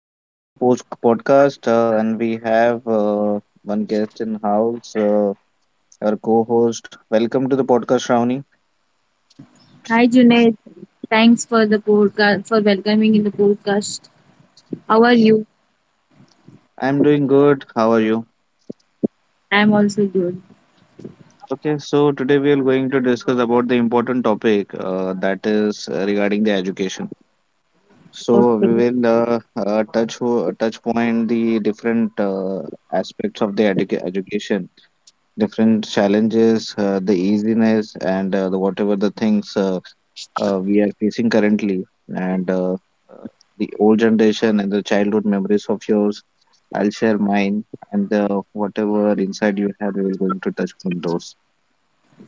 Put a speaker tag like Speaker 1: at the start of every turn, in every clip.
Speaker 1: Welcome to my post podcast. And we have one guest in house, our co host. Welcome to the podcast, Shravani.
Speaker 2: Hi Junaid, thanks for the podcast for welcoming in the podcast. How are you?
Speaker 1: I'm doing good. How are you?
Speaker 2: I'm also good.
Speaker 1: Okay, so today we are going to discuss about the important topic that is regarding the education. So we
Speaker 2: Okay.
Speaker 1: will touch point the different aspects of the education, different challenges, the easiness, and the whatever the things. We are facing currently and uh, the old generation and the childhood memories of yours. I'll share mine, and whatever insight you have, we're going to touch upon those.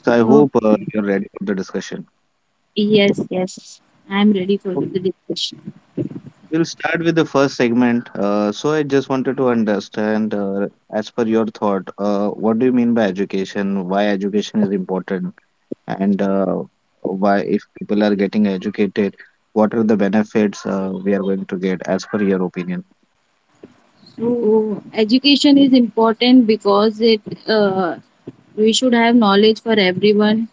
Speaker 1: So I
Speaker 2: Oh,
Speaker 1: hope you're ready for the discussion.
Speaker 2: yes, yes. I'm ready for the
Speaker 1: Okay,
Speaker 2: discussion.
Speaker 1: we'll start with the first segment, so I just wanted to understand, as per your thought, what do you mean by education, why education is important, and why, if people are getting educated, what are the benefits we are going to get as per your opinion.
Speaker 2: So education is important because it uh, we should have knowledge for everyone.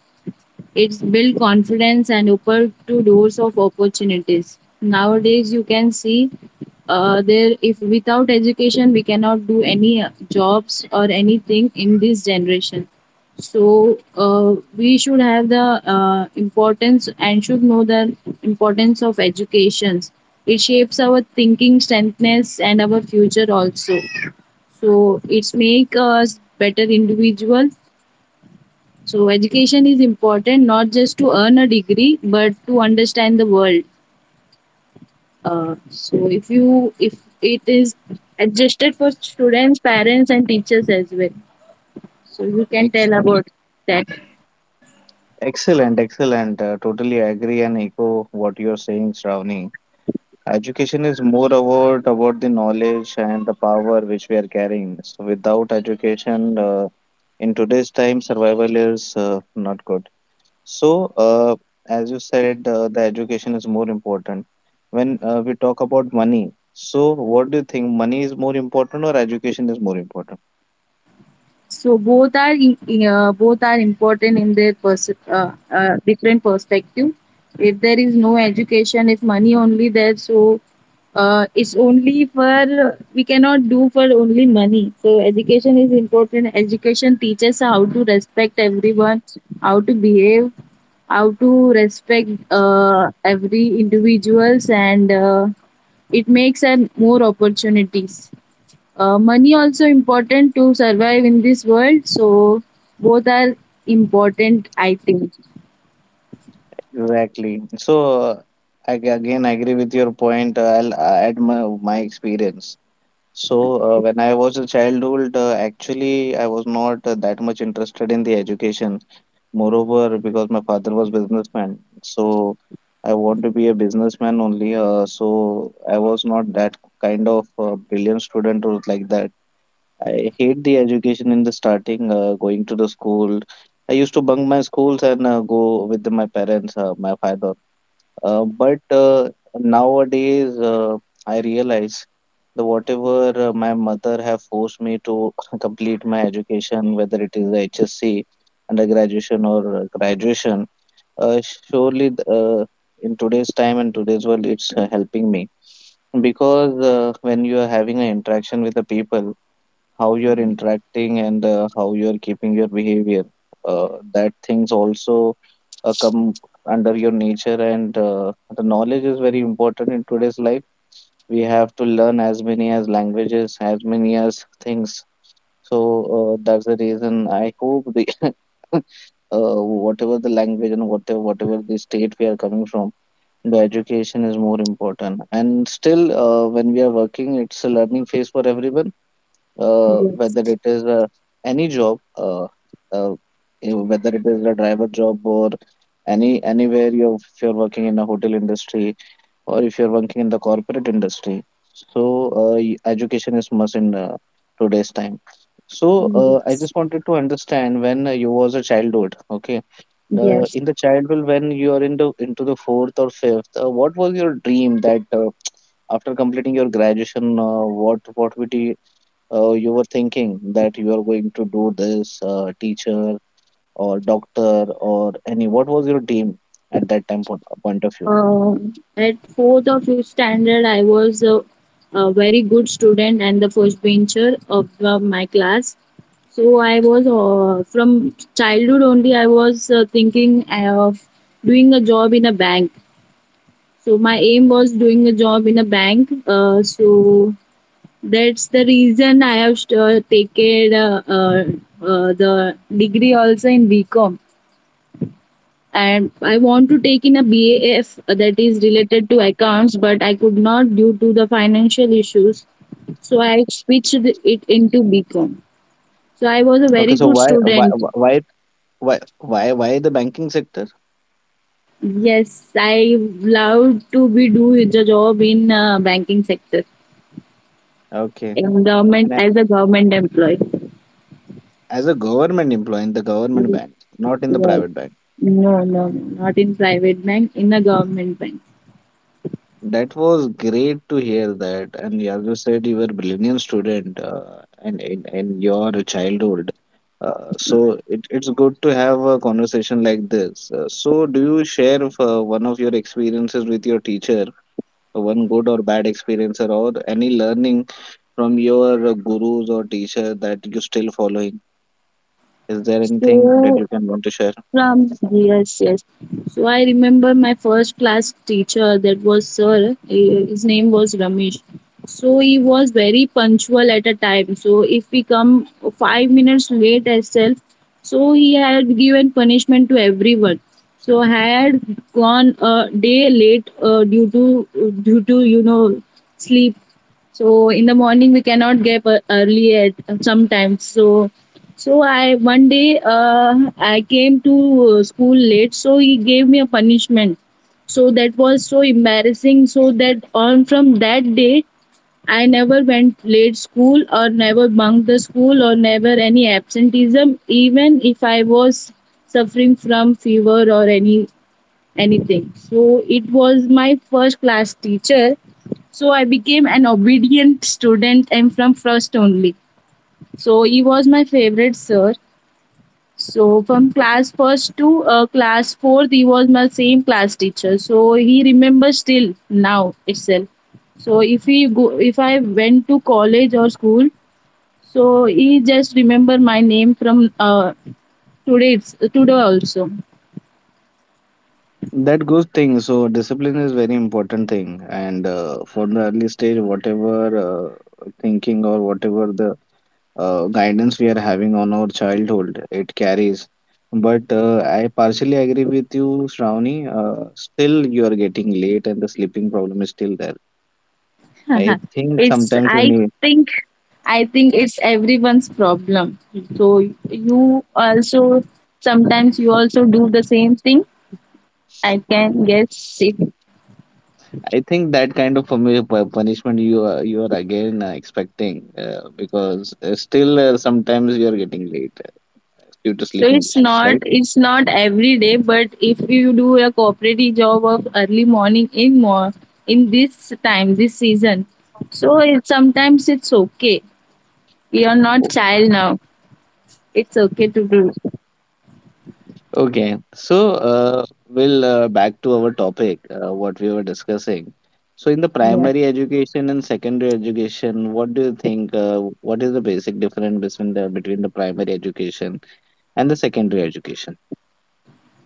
Speaker 2: It's build confidence and open to doors of opportunities. Nowadays, you can see, there if without education we cannot do any jobs or anything in this generation. So, we should have the, importance and should know the importance of education. It shapes our thinking, strengthness, and our future also. So it's make us better individual. So education is important not just to earn a degree but to understand the world. So if it is adjusted for students, parents and teachers as well. So you can tell
Speaker 1: Excellent,
Speaker 2: about that.
Speaker 1: excellent. Totally agree and echo what you're saying, Shravani. Education is more about the knowledge and the power which we are carrying. So without education, in today's time, survival is not good. So as you said, the education is more important. When we talk about money, so what do you think? Money is more important or education is more important?
Speaker 2: So both are important in their different perspective. If there is no education, if money only there, so, it's only for we cannot do for only money. So education is important. Education teaches how to respect everyone, how to behave, how to respect, every individuals, and, it makes, more opportunities, money also important to survive in this world, so both are important, I think.
Speaker 1: Exactly. So I agree with your point. I'll add my experience. So when I was a childhood, actually I was not that much interested in the education. Moreover, because my father was businessman, so I want to be a businessman only. So I was not that kind of brilliant student or like that. I hate the education in the starting, going to the school. I used to bunk my schools and go with my parents, my father. But nowadays, I realize the whatever my mother have forced me to complete my education, whether it is HSC, undergraduation or graduation, uh, surely th- uh, in today's time and today's world, it's helping me, because when you are having an interaction with the people, how you're interacting and how you're keeping your behavior, uh, that things also come under your nature. And the knowledge is very important in today's life. We have to learn as many as languages, as many as things. So that's the reason I hope the uh, whatever the language and whatever the state we are coming from, the education is more important. And still when we are working, it's a learning phase for everyone, whether
Speaker 2: Yes,
Speaker 1: it is any job, uh, you know, whether it is a driver job or anywhere, you, if you're working in a hotel industry or if you're working in the corporate industry. So education is must in today's time. So I
Speaker 2: yes,
Speaker 1: just wanted to understand, when you was a childhood, okay?
Speaker 2: yes.
Speaker 1: In the childhood, when you are in into the fourth or fifth, what was your dream that after completing your graduation, what would you, you were thinking that you are going to do this, teacher or doctor or any, what was your dream at that time point, point of view?
Speaker 2: At fourth or fifth standard, I was a very good student and the first bencher of, my class. So I was, from childhood only I was, thinking of doing a job in a bank. So my aim was doing a job in a bank, so that's the reason I have, taken, the degree also in BCom. And I want to take in a BAF that is related to accounts, but I could not due to the financial issues. So I switched it into BCom. So I was a
Speaker 1: okay
Speaker 2: very
Speaker 1: so
Speaker 2: good
Speaker 1: why why
Speaker 2: student.
Speaker 1: why why the banking sector?
Speaker 2: Yes, I love to be do the job in, banking sector,
Speaker 1: Okay.
Speaker 2: in
Speaker 1: And
Speaker 2: government as a government employee.
Speaker 1: as a government employee, in the government bank, not in the
Speaker 2: Well,
Speaker 1: private bank?
Speaker 2: no, no, no, not in private bank, in a government bank.
Speaker 1: That was great to hear that. And as you said, you were a brilliant student, and in your childhood. It's good to have a conversation like this. So do you share one of your experiences with your teacher, one good or bad experience, or any learning from your gurus or teacher that you still following? Is there anything that
Speaker 2: So,
Speaker 1: you can want to share?
Speaker 2: From Yes, yes. So I remember my first class teacher, that was sir. His name was Ramesh. So he was very punctual at a time. So if we come 5 minutes late itself, so he had given punishment to everyone. So I had gone a day late, due to sleep. So in the morning we cannot get up early at sometimes. So, so I one day, I came to, school late, so he gave me a punishment. So that was so embarrassing. So that on from that day, I never went late school or never bunked the school or never any absenteeism, even if I was suffering from fever or anything. So it was my first class teacher. So I became an obedient student and from first only. So he was my favorite sir, so from class first to, class fourth, he was my same class teacher. So he remembers still now itself. So if he go, if I went to college or school, so he just remember my name from, today. It's today also.
Speaker 1: That good thing. So discipline is very important thing, and for the early stage, whatever thinking or whatever the guidance we are having on our childhood, it carries. But I partially agree with you, Shravani. Still, you are getting late, and the sleeping problem is still there. I think
Speaker 2: It's
Speaker 1: sometimes you need.
Speaker 2: think I think it's everyone's problem. So you also sometimes you also do the same thing. I
Speaker 1: Mm,
Speaker 2: can guess it.
Speaker 1: I think that kind of punishment you are, you are again expecting, because still sometimes you are getting late due to
Speaker 2: So
Speaker 1: sleeping
Speaker 2: it's
Speaker 1: issues,
Speaker 2: not
Speaker 1: right?
Speaker 2: it's not every day, but if you do a cooperative job of early morning in more in this time this season, so sometimes it's okay. We are not
Speaker 1: O-
Speaker 2: child now. It's okay to do.
Speaker 1: Okay, so uh, we'll back to our topic, what we were discussing. So, in the
Speaker 2: Yeah.
Speaker 1: primary education and secondary education, what do you think? What is the basic difference between the primary education and the secondary education?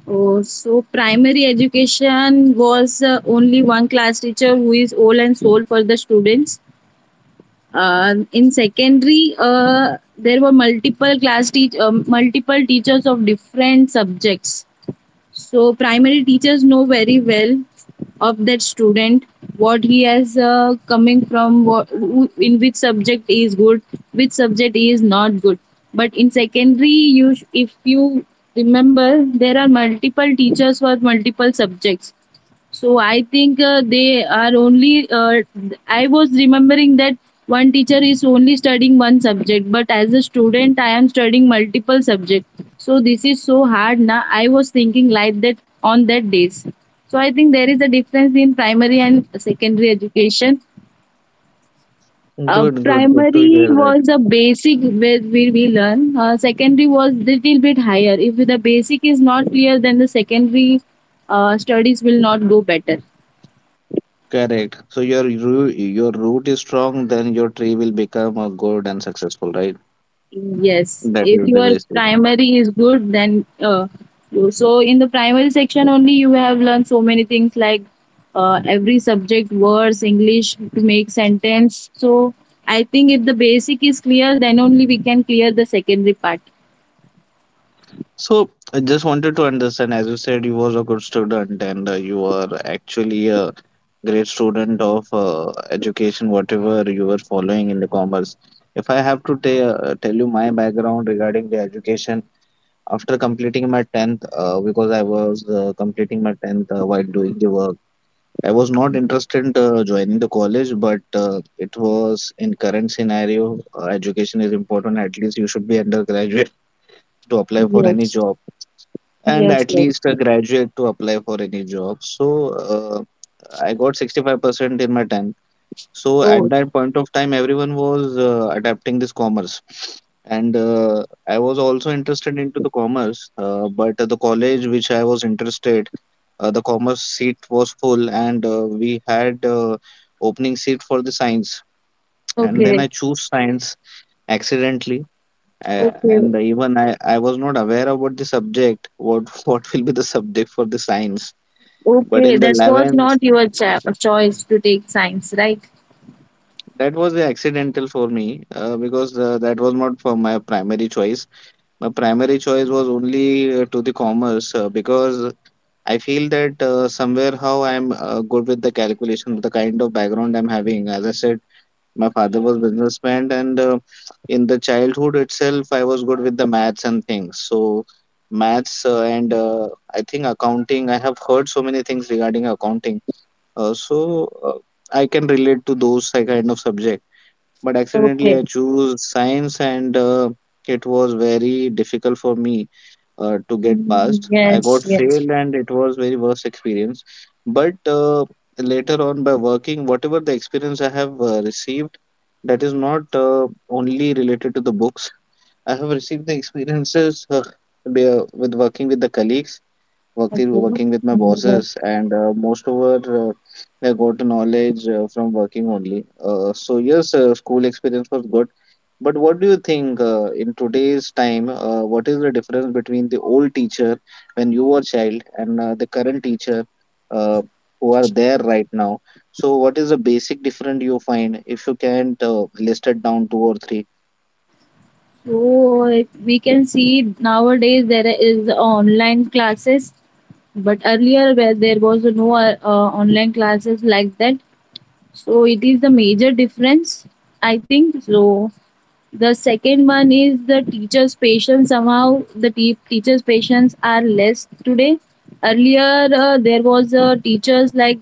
Speaker 2: Oh, so primary education was, only one class teacher who is all and sole for the students. In secondary, there were multiple teachers of different subjects. So primary teachers know very well of that student, what he has, coming from what, in which subject he is good, which subject he is not good. But in secondary, you if you remember, there are multiple teachers for multiple subjects. So I think, they are only. I was remembering that one teacher is only studying one subject, but as a student, I am studying multiple subjects. So this is so hard. Now I was thinking like that on that days. So I think there is a difference in primary and secondary education.
Speaker 1: Good, good, good to
Speaker 2: Primary
Speaker 1: hear that.
Speaker 2: was the basic where we learn. Secondary was little bit higher. If the basic is not clear, then the secondary, studies will not go better.
Speaker 1: Correct. So your root is strong, then your tree will become a good and successful, right?
Speaker 2: Yes,
Speaker 1: That
Speaker 2: if
Speaker 1: is the
Speaker 2: your
Speaker 1: basic.
Speaker 2: primary is good, then, so in the primary section only you have learned so many things like, every subject, words, English to make sentence. So I think if the basic is clear, then only we can clear the secondary part.
Speaker 1: So I just wanted to understand, as you said, you was a good student, and you are actually a great student of education, whatever you were following in the commerce. If I have to tell you my background regarding the education, after completing my 10th, because I was completing my 10th while doing the work, I was not interested in joining the college, but it was, in current scenario, education is important. At least you should be undergraduate to apply for any
Speaker 2: Yes,
Speaker 1: job, and
Speaker 2: yes,
Speaker 1: at least
Speaker 2: yes.
Speaker 1: a graduate to apply for any job. So I got 65% in my 10th, so
Speaker 2: Oh,
Speaker 1: at that point of time, everyone was adapting this commerce, and I was also interested into the commerce. But at the college which I was interested, the commerce seat was full, and we had opening seat for the science. And then
Speaker 2: okay,
Speaker 1: I choose science accidentally, uh,
Speaker 2: okay,
Speaker 1: and even I, I was not aware about the subject. What what will be the subject for the science? But
Speaker 2: okay.
Speaker 1: in the
Speaker 2: That was
Speaker 1: 11th,
Speaker 2: not your choice to take science, right?
Speaker 1: that was a accidental for me, because that was not for my primary choice. My primary choice was only to the commerce, because I feel that somewhere how I'm good with the calculation, with the kind of background I'm having. As I said, my father was businessman, and in the childhood itself, I was good with the maths and things. So maths and I think accounting. I have heard so many things regarding accounting. I can relate to those kind of subjects, but accidentally
Speaker 2: Okay.
Speaker 1: I chose science, and it was very difficult for me to get
Speaker 2: Mm,
Speaker 1: past. I
Speaker 2: yes,
Speaker 1: got
Speaker 2: yes.
Speaker 1: failed, and it was very worst experience. But later on, by working, whatever the experience I have received, that is not only related to the books. I have received the experiences with working with the colleagues,
Speaker 2: Okay.
Speaker 1: working with my
Speaker 2: Mm.
Speaker 1: bosses, and most over I got the knowledge from working only. So yes, school experience was good. But what do you think in today's time? What is the difference between the old teacher when you were child and the current teacher, uh, who are there right now? So what is the basic difference you find, if you can't list it down, two or three?
Speaker 2: So if we can see nowadays there is online classes, but earlier where there was no, online classes like that. So it is the major difference, I think. So the second one is the teacher's patience. Somehow the teacher's patience are less today. Earlier, there was, teachers like,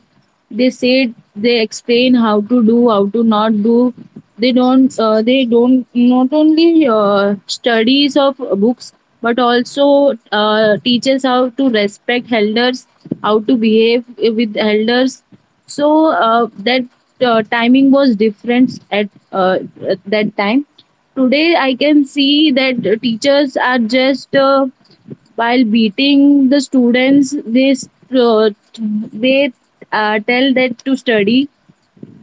Speaker 2: they said they explain how to do, how to not do. They don't not only, studies of books, but also, teaches how to respect elders, how to behave with elders. So, that, timing was different at that time. Today, I can see that teachers are just, while beating the students, uh, they tell that to study.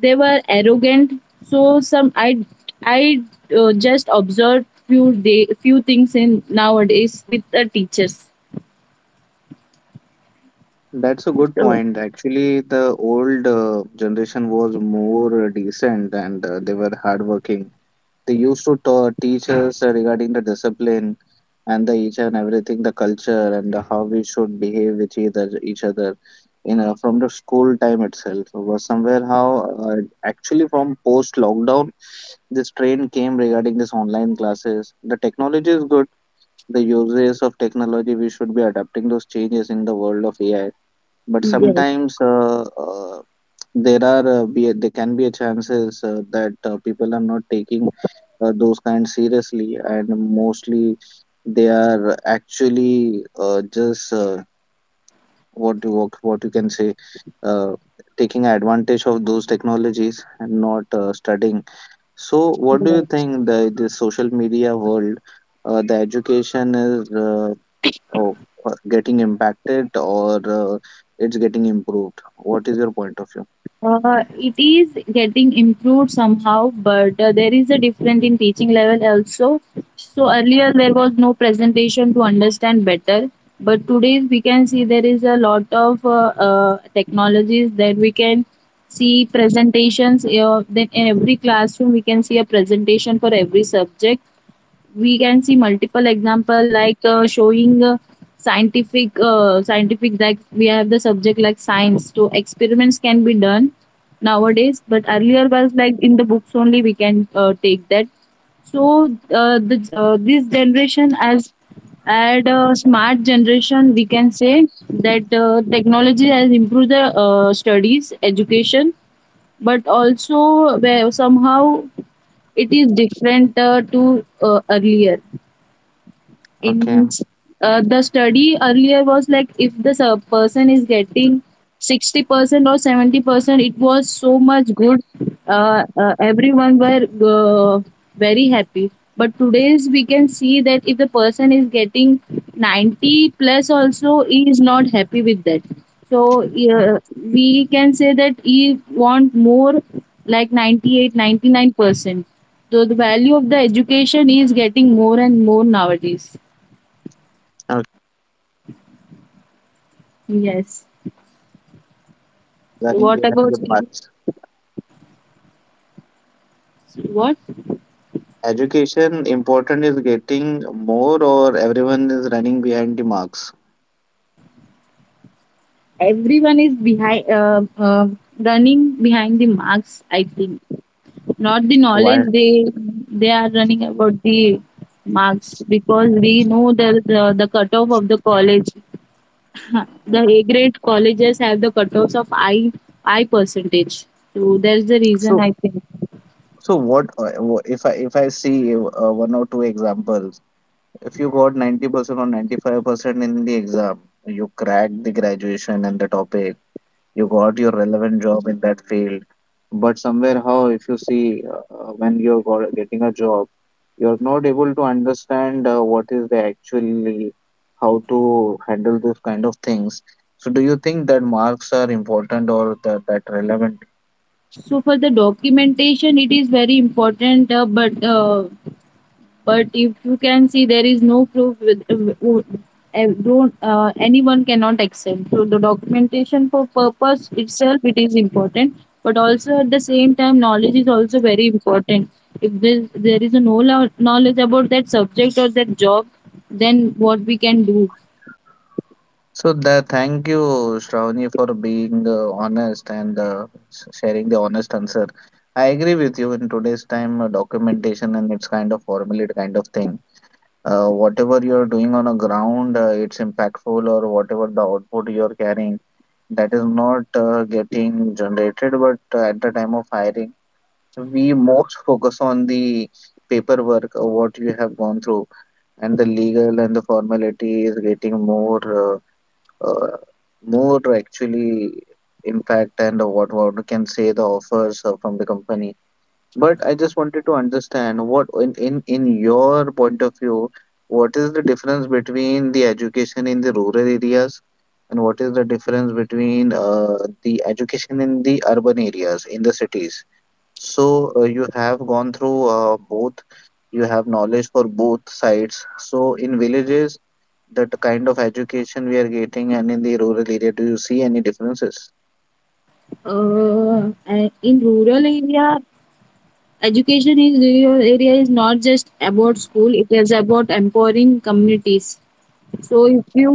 Speaker 2: They were arrogant. So some I just observed few things in nowadays with the teachers.
Speaker 1: That's a good
Speaker 2: So,
Speaker 1: point. Actually, the old generation was more decent, and they were hardworking. They used to ta teach us regarding the discipline and the each and everything, the culture and the how we should behave with either each other. You know, from the school time itself was somewhere how actually from post lockdown, this trend came regarding this online classes. The technology is good. The uses of technology, we should be adapting those changes in the world of AI. But
Speaker 2: yes.
Speaker 1: sometimes there are there can be a chances that people are not taking those kinds seriously, and mostly they are actually just what you can say, uh, taking advantage of those technologies and not studying. So what do you think, the social media world, the education is oh, getting impacted, or it's getting improved? What is your point of view?
Speaker 2: It is getting improved somehow, but, there is a difference in teaching level also. So earlier there was no presentation to understand better, but today we can see there is a lot of, technologies that we can see presentations. Then in every classroom we can see a presentation for every subject, we can see multiple example like, showing, scientific like we have the subject like science, so experiments can be done nowadays. But earlier was like in the books only we can, take that. So, this generation as at a smart generation, we can say that, technology has improved the, studies education. But also where somehow it is different, to, earlier
Speaker 1: Okay.
Speaker 2: in. The study earlier was like if the person is getting 60% or 70%, it was so much good, everyone were, uh, very happy. But today's we can see that if the person is getting 90 plus also, he is not happy with that. So, we can say that he want more, like 98-99%. So the value of the education is getting more and more nowadays.
Speaker 1: Okay,
Speaker 2: Yes. So
Speaker 1: running
Speaker 2: what
Speaker 1: behind
Speaker 2: about
Speaker 1: the
Speaker 2: you?
Speaker 1: marks.
Speaker 2: So, what?
Speaker 1: Education important is getting more, or everyone is running behind the marks?
Speaker 2: Everyone is behind, running behind the marks. I think, not the knowledge,
Speaker 1: Why?
Speaker 2: they are running about the marks, because we know the cutoff of the college. The
Speaker 1: Mm.
Speaker 2: A grade colleges have the cutoffs of I percentage. So that's the reason,
Speaker 1: So,
Speaker 2: I think.
Speaker 1: so what if I see one or two examples, if you got 90% or 95% in the exam, you cracked the graduation and the topic, you got your relevant job in that field, but somewhere how if you see when you're getting a job, you're not able to understand what is the actually how to handle those kind of things. So do you think that marks are important or that relevant?
Speaker 2: So for the documentation, it is very important. But if you can see there is no proof with, don't, anyone cannot accept, so the documentation for purpose itself it is important. But also at the same time, knowledge is also very important. If there is a no knowledge about that subject or that job, then what we can do?
Speaker 1: So the thank you Shravani for being honest and sharing the honest answer. I agree with you. In today's time, documentation and it's kind of formulate kind of thing. Whatever you're doing on a ground, it's impactful, or whatever the output you're carrying, that is not getting generated. But at the time of hiring, we most focus on the paperwork, what you have gone through, and the legal and the formality is getting more, uh, uh, more actually impact and what we can say the offers from the company. But I just wanted to understand what in your point of view, what is the difference between the education in the rural areas and what is the difference between the education in the urban areas in the cities? So you have gone through both, you have knowledge for both sides. So in villages, that kind of education we are getting, and in the rural area, do you see any differences?
Speaker 2: Uh, in rural area, education in rural area is not just about school, it is about empowering communities. So if you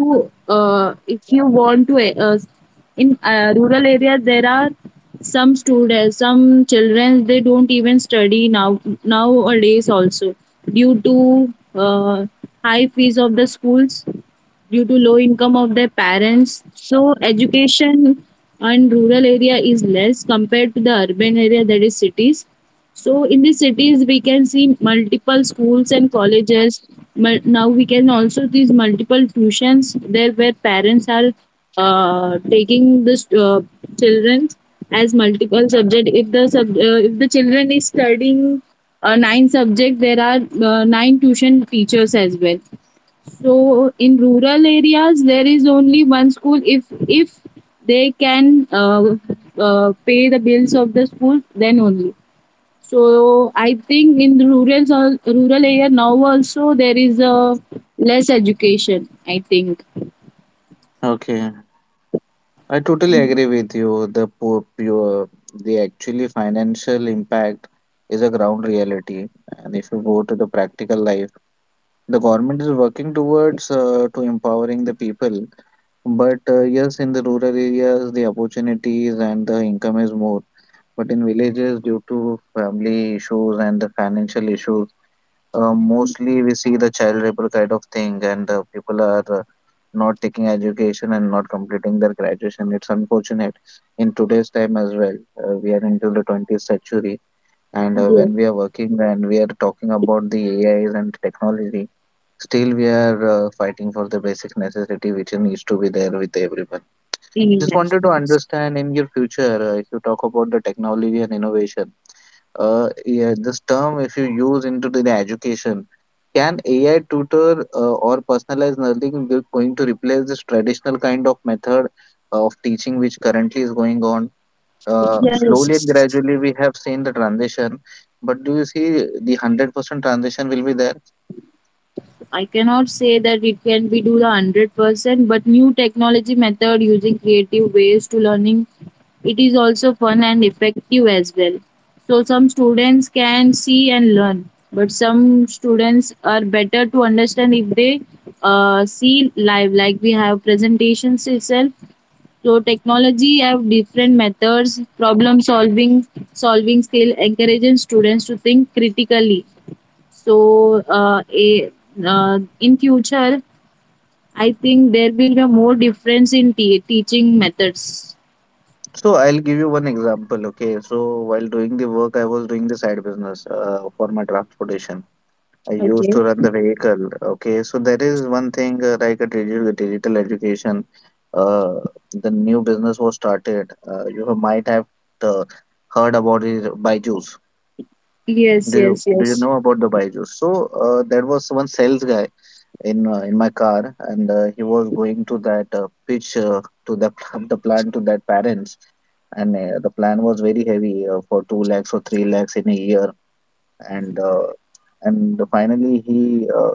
Speaker 2: uh, if you want to, uh, in, rural areas, there are some students, some children, they don't even study now, nowadays also, due to, high fees of the schools, due to low income of their parents. So education in rural area is less compared to the urban area, that is cities. So in the cities we can see multiple schools and colleges. Now we can also these multiple tuitions there, where parents are, taking the children as multiple subject. If the children is studying, nine subject, there are, nine tuition teachers as well. So in rural areas, there is only one school. If they can, pay the bills of the school, then only. So I think in the rural area, now also there is a less education, I think.
Speaker 1: Okay. I totally agree with you. The the actually financial impact is a ground reality. And if you go to the practical life, the government is working towards to empowering the people. But yes, in the rural areas, the opportunities and the income is more. But in villages, due to family issues and the financial issues, mostly we see the child labor kind of thing, and people are not taking education and not completing their graduation. It's unfortunate in today's time as well. We are into the 20th century, and when
Speaker 2: Yes.
Speaker 1: we are working and we are talking about the AIs and technology, still we are fighting for the basic necessity which needs to be there with everyone. Just wanted to
Speaker 2: Yes.
Speaker 1: understand in your future, if you talk about the technology and innovation, yeah, this term, if you use into the education, can AI tutor or personalized learning be going to replace this traditional kind of method of teaching which currently is going on? Slowly and
Speaker 2: Yes.
Speaker 1: gradually, we have seen the transition, but do you see the 100% transition will be there?
Speaker 2: I cannot say that it can be do the 100%, but new technology method using creative ways to learning, it is also fun and effective as well. So some students can see and learn, but some students are better to understand if they see live, like we have presentations itself. So technology have different methods, problem solving, solving skill, encouraging students to think critically so, in future, I think there will be more difference in teaching methods.
Speaker 1: So, I'll give you one example. Okay, so while doing the work, I was doing the side business for my transportation. I used
Speaker 2: Okay.
Speaker 1: to run the vehicle. Okay, so there is one thing like a digital education. Uh, the new business was started. You might have uh, heard about the Byju's.
Speaker 2: Yes,
Speaker 1: Do you
Speaker 2: yes,
Speaker 1: do you
Speaker 2: yes,
Speaker 1: know about the Byju's? So there was one sales guy in my car, and he was going to that pitch to the the plan to that parents, and the plan was very heavy for two lakhs or three lakhs in a year, and uh, and finally he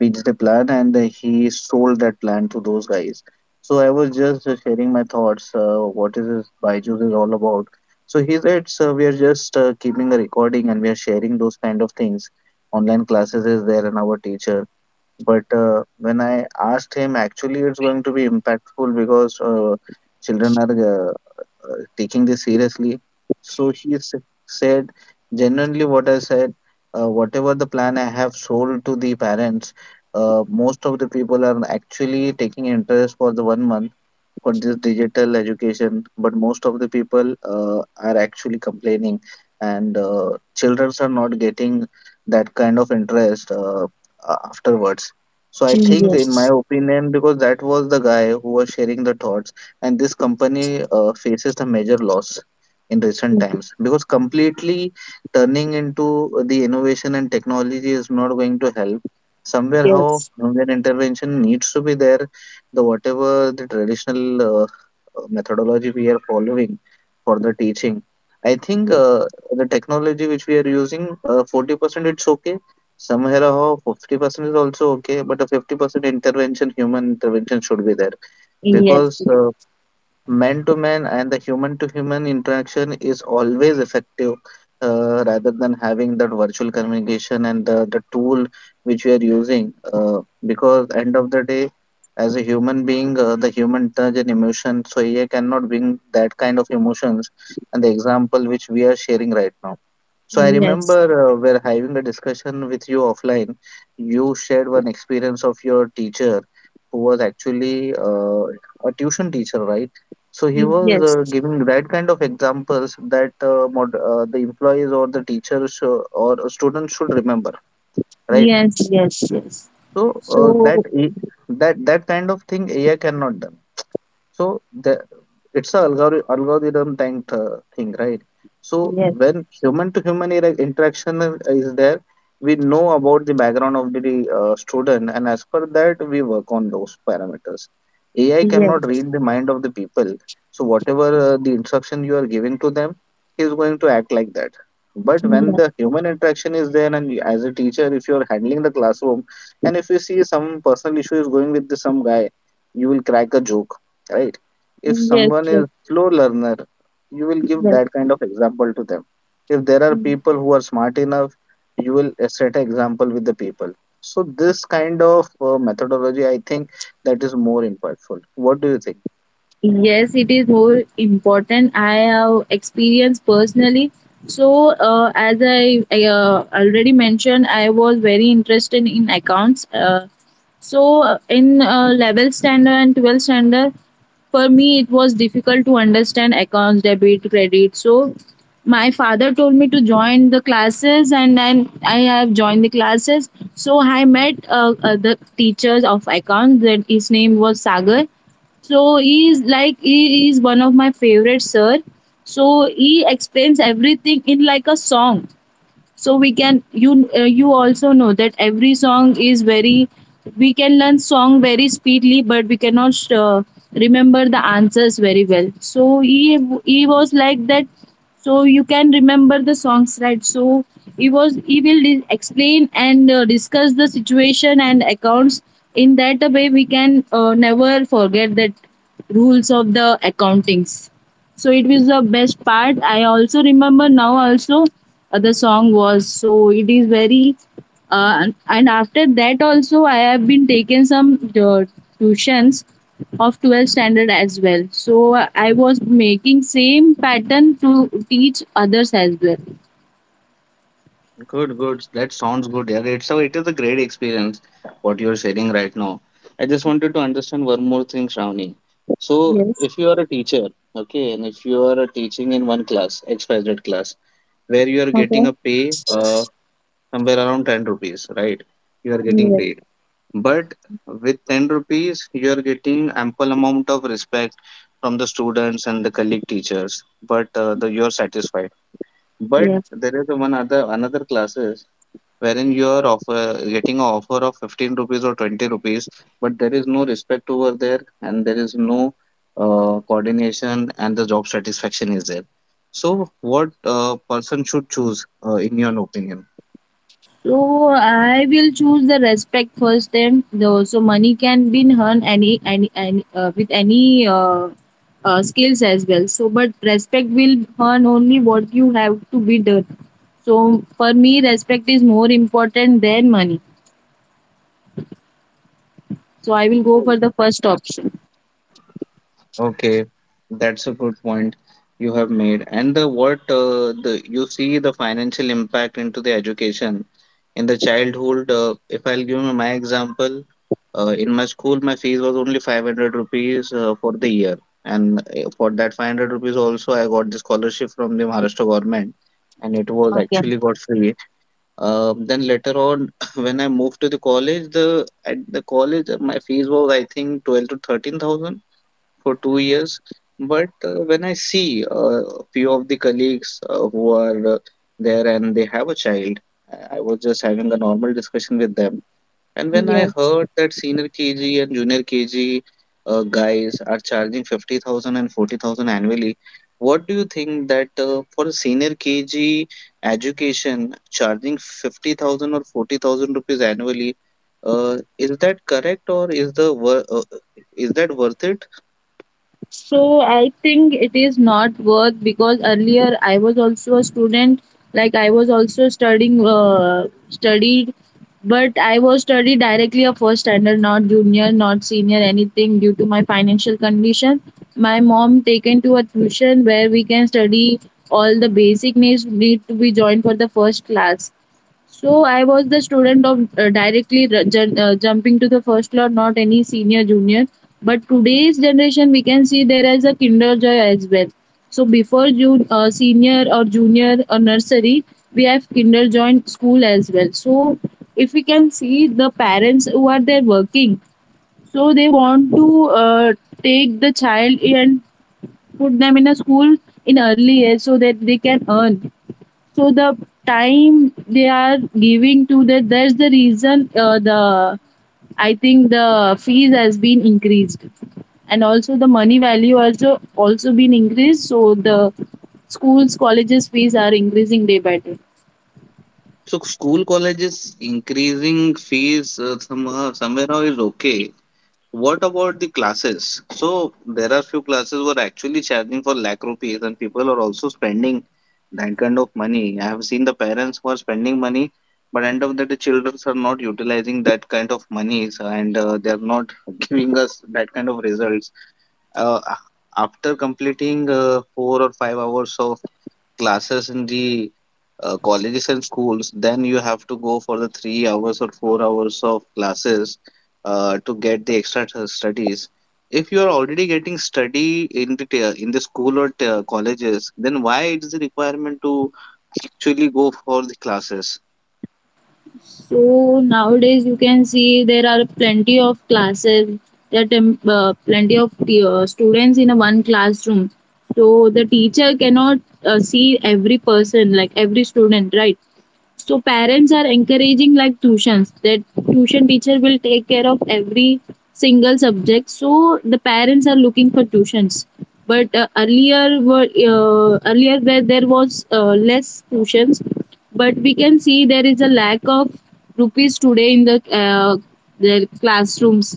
Speaker 1: pitched a plan and he sold that plan to those guys. So I was just sharing my thoughts. What is this Byju's is all about? So he said, so we are just keeping a recording and we are sharing those kind of things. Online classes is there and our teacher. But when I asked him, actually, it's going to be impactful because children are taking this seriously. So he said, genuinely, what I said, whatever the plan I have sold to the parents, most of the people are actually taking interest for the 1 month for this digital education. But most of the people are actually complaining and children are not getting that kind of interest afterwards. So I think in my
Speaker 2: yes.
Speaker 1: opinion, because that was the guy who was sharing the thoughts and this company faces a major loss in recent
Speaker 2: Yes,
Speaker 1: times. Because completely turning into the innovation and technology is not going to help. Somewhere how
Speaker 2: yes,
Speaker 1: human intervention needs to be there. The whatever the traditional uh, methodology we are following for the teaching, I think the technology which we are using 40%, it's okay. Somewhere or how 50% is also okay, but a 50% intervention, human intervention should be there
Speaker 2: yes,
Speaker 1: because man to man and the human to human interaction is always effective, rather than having that virtual communication and the tool which we are using. Because end of the day as a human being, the human touch and emotion, so AI cannot bring that kind of emotions. And the example which we are sharing right now, so I remember we're having a discussion with you offline, you shared one experience of your teacher who was actually a tuition teacher, right? So he was giving that kind of examples that the employees or the teachers or students should remember, right?
Speaker 2: yes, yes, yes, yes.
Speaker 1: So
Speaker 2: So,
Speaker 1: That kind of thing AI cannot done. So it's a algorithm type thing, right? So
Speaker 2: yes.
Speaker 1: when human to human interaction is there, we know about the background of the student and as per that we work on those parameters. AI cannot
Speaker 2: Yes.
Speaker 1: read the mind of the people. So whatever the instruction you are giving to them, he is going to act like that. But when
Speaker 2: Yes,
Speaker 1: the human interaction is there and as a teacher, if you are handling the classroom and if you see some personal issue is going with some guy, you will crack a joke, right? If
Speaker 2: yes,
Speaker 1: someone is slow learner, you will give
Speaker 2: yes,
Speaker 1: that kind of example to them. If there are people
Speaker 2: yes.
Speaker 1: who are smart enough, you will set an example with the people. So this kind of methodology, I think that is more impactful. What do you think?
Speaker 2: Yes, it is more important. I have experienced personally. So, as I already mentioned, I was very interested in accounts. In level standard and 12 standard, for me it was difficult to understand accounts, debit, credit. So, my father told me to join the classes, and then I have joined the classes. So, I met the teachers of accounts. That his name was Sagar. So he is one of my favorite sir. So he explains everything in like a song, so we can you you also know that every song is very — we can learn song very speedily, but we cannot remember the answers very well. So he was like that. So you can remember the songs, right? So he will explain and discuss the situation and accounts in that way. We can never forget that rules of the accountings. So it was the best part. I also remember now also other song was. So it is very. And after that also I have been taking some tuitions of 12th standard as well. So I was making same pattern to teach others as well.
Speaker 1: Good, good. That sounds good. Yeah, it's a, it is a great experience what you're sharing right now. I just wanted to understand one more thing, Shravani. So,
Speaker 2: Yes.
Speaker 1: if you are a teacher, okay, and if you are teaching in one class, XYZ class, where you are getting a pay, somewhere around 10 rupees, right? You are getting paid. But with 10 rupees, you are getting ample amount of respect from the students and the colleague teachers, but you're satisfied. But
Speaker 2: Okay.
Speaker 1: there is one other another classes wherein you are getting an offer of 15 rupees or 20 rupees, but there is no respect over there and there is no coordination and the job satisfaction is there. So what person should choose in your opinion?
Speaker 2: So I will choose the respect first. So money can be earned any with any skills as well. So but respect will earn only what you have to be done. So for me, respect is more important than money. So I will go for the first option.
Speaker 1: Okay, that's a good point you have made. And the what the you see the financial impact into the education in the childhood. If I'll give you my example, in my school, my fees was only 500 rupees for the year, and for that 500 rupees also, I got the scholarship from the Maharashtra government, and it was
Speaker 2: Okay.
Speaker 1: actually got free. Then later on, when I moved to the college, the at the college, my fees was I think 12 to 13,000 for 2 years. But when I see a few of the colleagues who are there and they have a child, I was just having a normal discussion with them. And when I
Speaker 2: Yes.
Speaker 1: heard that senior KG and junior KG guys are charging 50,000 and 40,000 annually, what do you think that for a senior KG education, charging 50,000 or 40,000 rupees annually, is that correct or is that worth it?
Speaker 2: So I think it is not worth because earlier I was also a student, like I was also studying, studied, but I was studied directly a first standard, not junior, not senior, anything due to my financial condition. My mom taken to a tuition where we can study all the basic needs need to be joined for the first class. So I was the student of directly jumping to the first floor, not any senior junior. But today's generation, we can see there is a kinder joy as well. So before senior or junior or nursery, we have kinder joy school as well. So if we can see the parents who are there working, so they want to take the child and put them in a school in early age so that they can earn. So the time they are giving to that, that's the reason the I think the fees has been increased. And also the money value also been increased, so the schools colleges fees are increasing day by day.
Speaker 1: So school colleges increasing fees somehow somehow is okay. What about the classes? So there are few classes were actually charging for lakh rupees, and people are also spending that kind of money. I have seen the parents who are spending money, but end of the day, children are not utilizing that kind of monies, and they are not giving us that kind of results. Uh, After completing 4 or 5 hours of classes in the colleges and schools, then you have to go for the 3 hours or 4 hours of classes to get the extra studies. If you are already getting study in the in the school or colleges, then why it is the requirement to actually go for the classes?
Speaker 2: So nowadays you can see there are plenty of classes that plenty of students in a one classroom, so the teacher cannot see every person, like every student, right? So parents are encouraging like tuitions that tuition teacher will take care of every single subject. So the parents are looking for tuitions. But earlier there was less tuitions, but we can see there is a lack of rupees today in the their classrooms,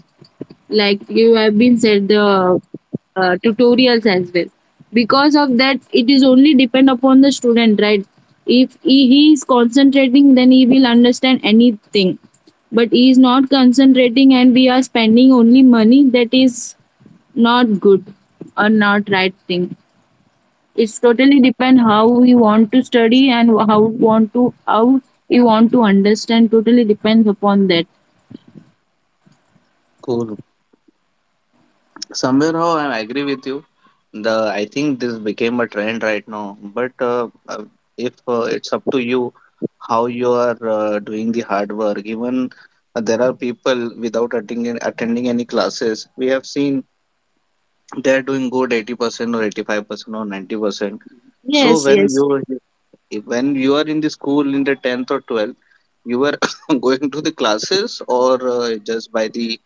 Speaker 2: like you have been said the tutorials as well. Because of that, it is only depend upon the student, right? If he is concentrating, then he will understand anything. But he is not concentrating and we are spending only money, that is not good or not right thing. It's totally depend how we want to study and how we want to understand. Totally depends upon that.
Speaker 1: Cool. Somewhere how I agree with you. The I think this became a trend right now. But if it's up to you, how you are doing the hard work. Even there are people without attending any classes. We have seen they are doing good 80% or 85% or 90%. So
Speaker 2: Yes,
Speaker 1: when
Speaker 2: yes.
Speaker 1: you if- when you are in the school in the tenth or twelfth, you were going to the classes or just by the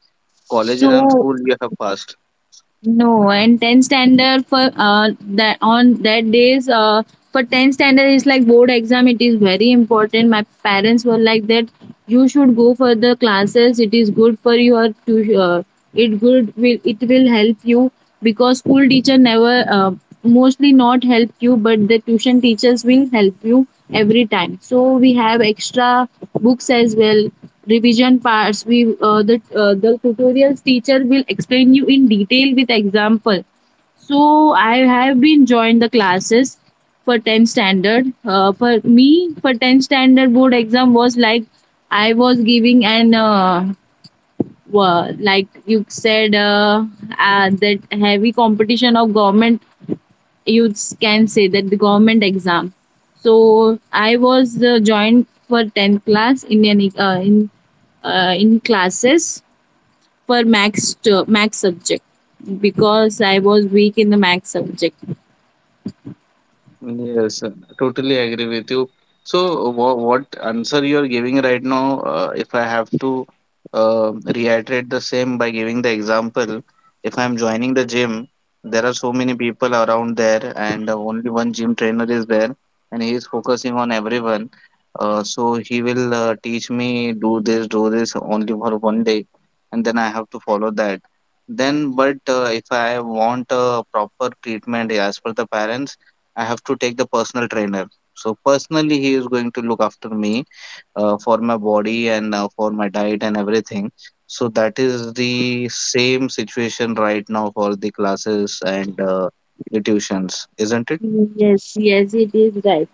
Speaker 1: college and
Speaker 2: So
Speaker 1: school you have passed.
Speaker 2: no, and 10 standard for that, on that days, for 10 standard is like board exam. It is very important. My parents were like that. You should go for the classes. It is good for your to it will help you because school teacher never mostly not help you, but the tuition teachers will help you every time. So we have extra books as well, revision parts. We the The tutorials teacher will explain you in detail with example. So I have been joined the classes for 10 standard for me for 10 standard board exam was like I was giving an like you said, that heavy competition of government. You can say that the government exam. So I was joined for 10th class in an, in classes for max subject because I was weak in the max subject.
Speaker 1: Yes, totally agree with you. So, what answer you are giving right now, if I have to reiterate the same by giving the example, if I'm joining the gym, there are so many people around there, and only one gym trainer is there, and he is focusing on everyone. So, he will teach me do this only for one day, and then I have to follow that. But if I want a proper treatment as per the parents, I have to take the personal trainer. So personally, he is going to look after me for my body and for my diet and everything. So that is the same situation right now for the classes and the tuitions, isn't it?
Speaker 2: Yes. Yes, it is right.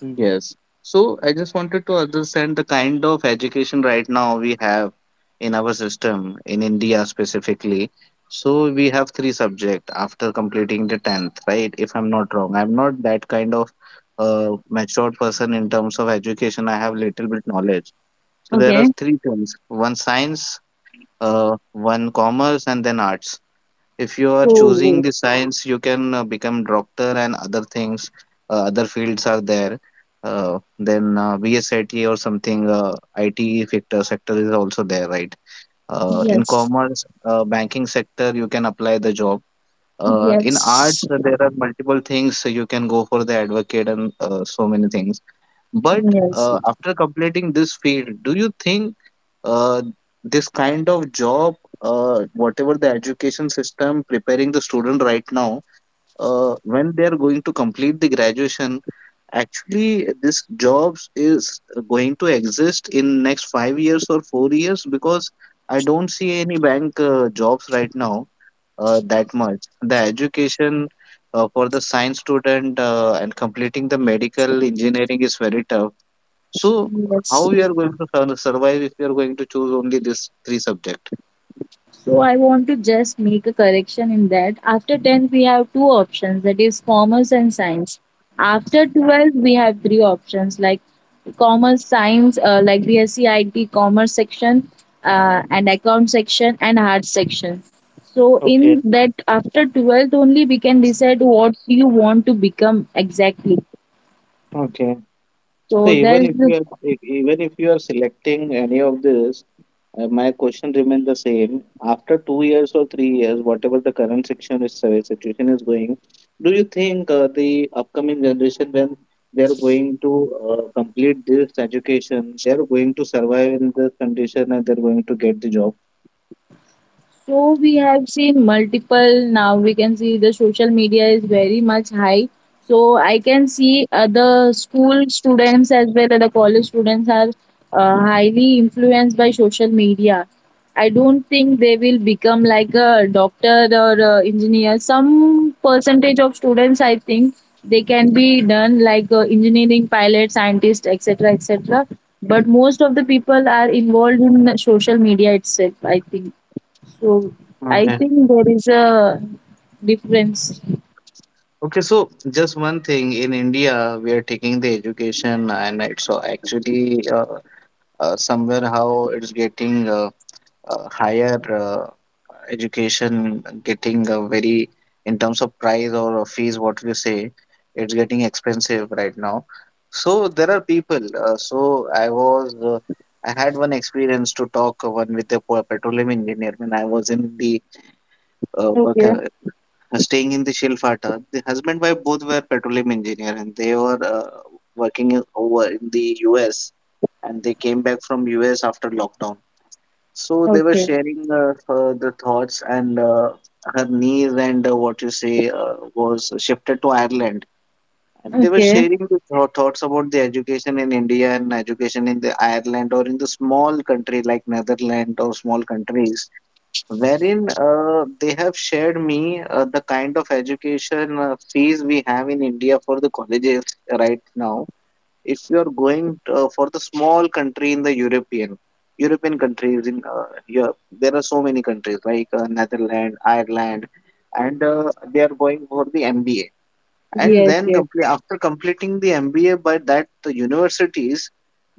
Speaker 1: Yes. So I just wanted to understand the kind of education right now we have in our system in India specifically. So we have three subjects after completing the 10th, right? If I'm not wrong, I'm not that kind of matured person in terms of education. I have little bit knowledge. So there are
Speaker 2: Okay.
Speaker 1: three things, one science, one commerce, and then arts. If you are choosing
Speaker 2: So
Speaker 1: the science, you can become doctor and other things. Other fields are there. Then Bsit or something, IT sector is also there, right? In
Speaker 2: yes.
Speaker 1: commerce, banking sector you can apply the job. In
Speaker 2: Yes.
Speaker 1: arts, there are multiple things, so you can go for the advocate and so many things. But
Speaker 2: Yes.
Speaker 1: after completing this field, do you think uh, this kind of job, whatever the education system preparing the student right now, when they are going to complete the graduation, actually this jobs is going to exist in next 5 years or 4 years, because I don't see any bank jobs right now that much. The education for the science student and completing the medical engineering is very tough. So
Speaker 2: Yes.
Speaker 1: how we are going to survive if we are going to choose only this three subject?
Speaker 2: So I want to just make a correction in that. After 10th, we have two options that is commerce and science. After 12th, we have three options like commerce, science, like BSc IT, commerce section, and account section, and arts section. So
Speaker 1: Okay,
Speaker 2: in that, after 12th only, we can decide what you want to become exactly.
Speaker 1: okay. So
Speaker 2: So
Speaker 1: even
Speaker 2: there's
Speaker 1: if you are even if you are selecting any of this, my question remains the same. After 2 years or 3 years, whatever the current section is situation is going, do you think the upcoming generation when they are going to complete this education, they are going to survive in this condition and they are going to get the job?
Speaker 2: So we have seen multiple. Now we can see the social media is very much high. So I can see other school students as well as the college students are highly influenced by social media. I don't think they will become like a doctor or a engineer. Some percentage of students, I think, they can be done like engineering pilot, scientist, etc., etc. But most of the people are involved in social media itself. I think. So I think there is a difference.
Speaker 1: Okay, so just one thing, in India, we are taking the education, and it's actually somewhere how it's getting higher education, getting a very, in terms of price or fees, what we say, it's getting expensive right now. So there are people. Uh, so I was, uh, I had one experience to talk one with the petroleum engineer when I was in the work
Speaker 2: Okay,
Speaker 1: staying in the Shilfata. The husband wife both were petroleum engineer and they were working over in the US, and they came back from US after lockdown. So they were
Speaker 2: okay,
Speaker 1: sharing the thoughts and her knees and what you say was shifted to Ireland. And they were
Speaker 2: okay.
Speaker 1: sharing the thoughts about the education in India and education in the Ireland or in the small country like Netherlands or small countries, wherein they have shared me the kind of education fees we have in India for the colleges right now. If you are going for the small country in the European countries in Europe, there are so many countries like Netherlands, Ireland, and they are going for the MBA, and
Speaker 2: Yes,
Speaker 1: then
Speaker 2: yes.
Speaker 1: complete after completing the MBA by that the universities,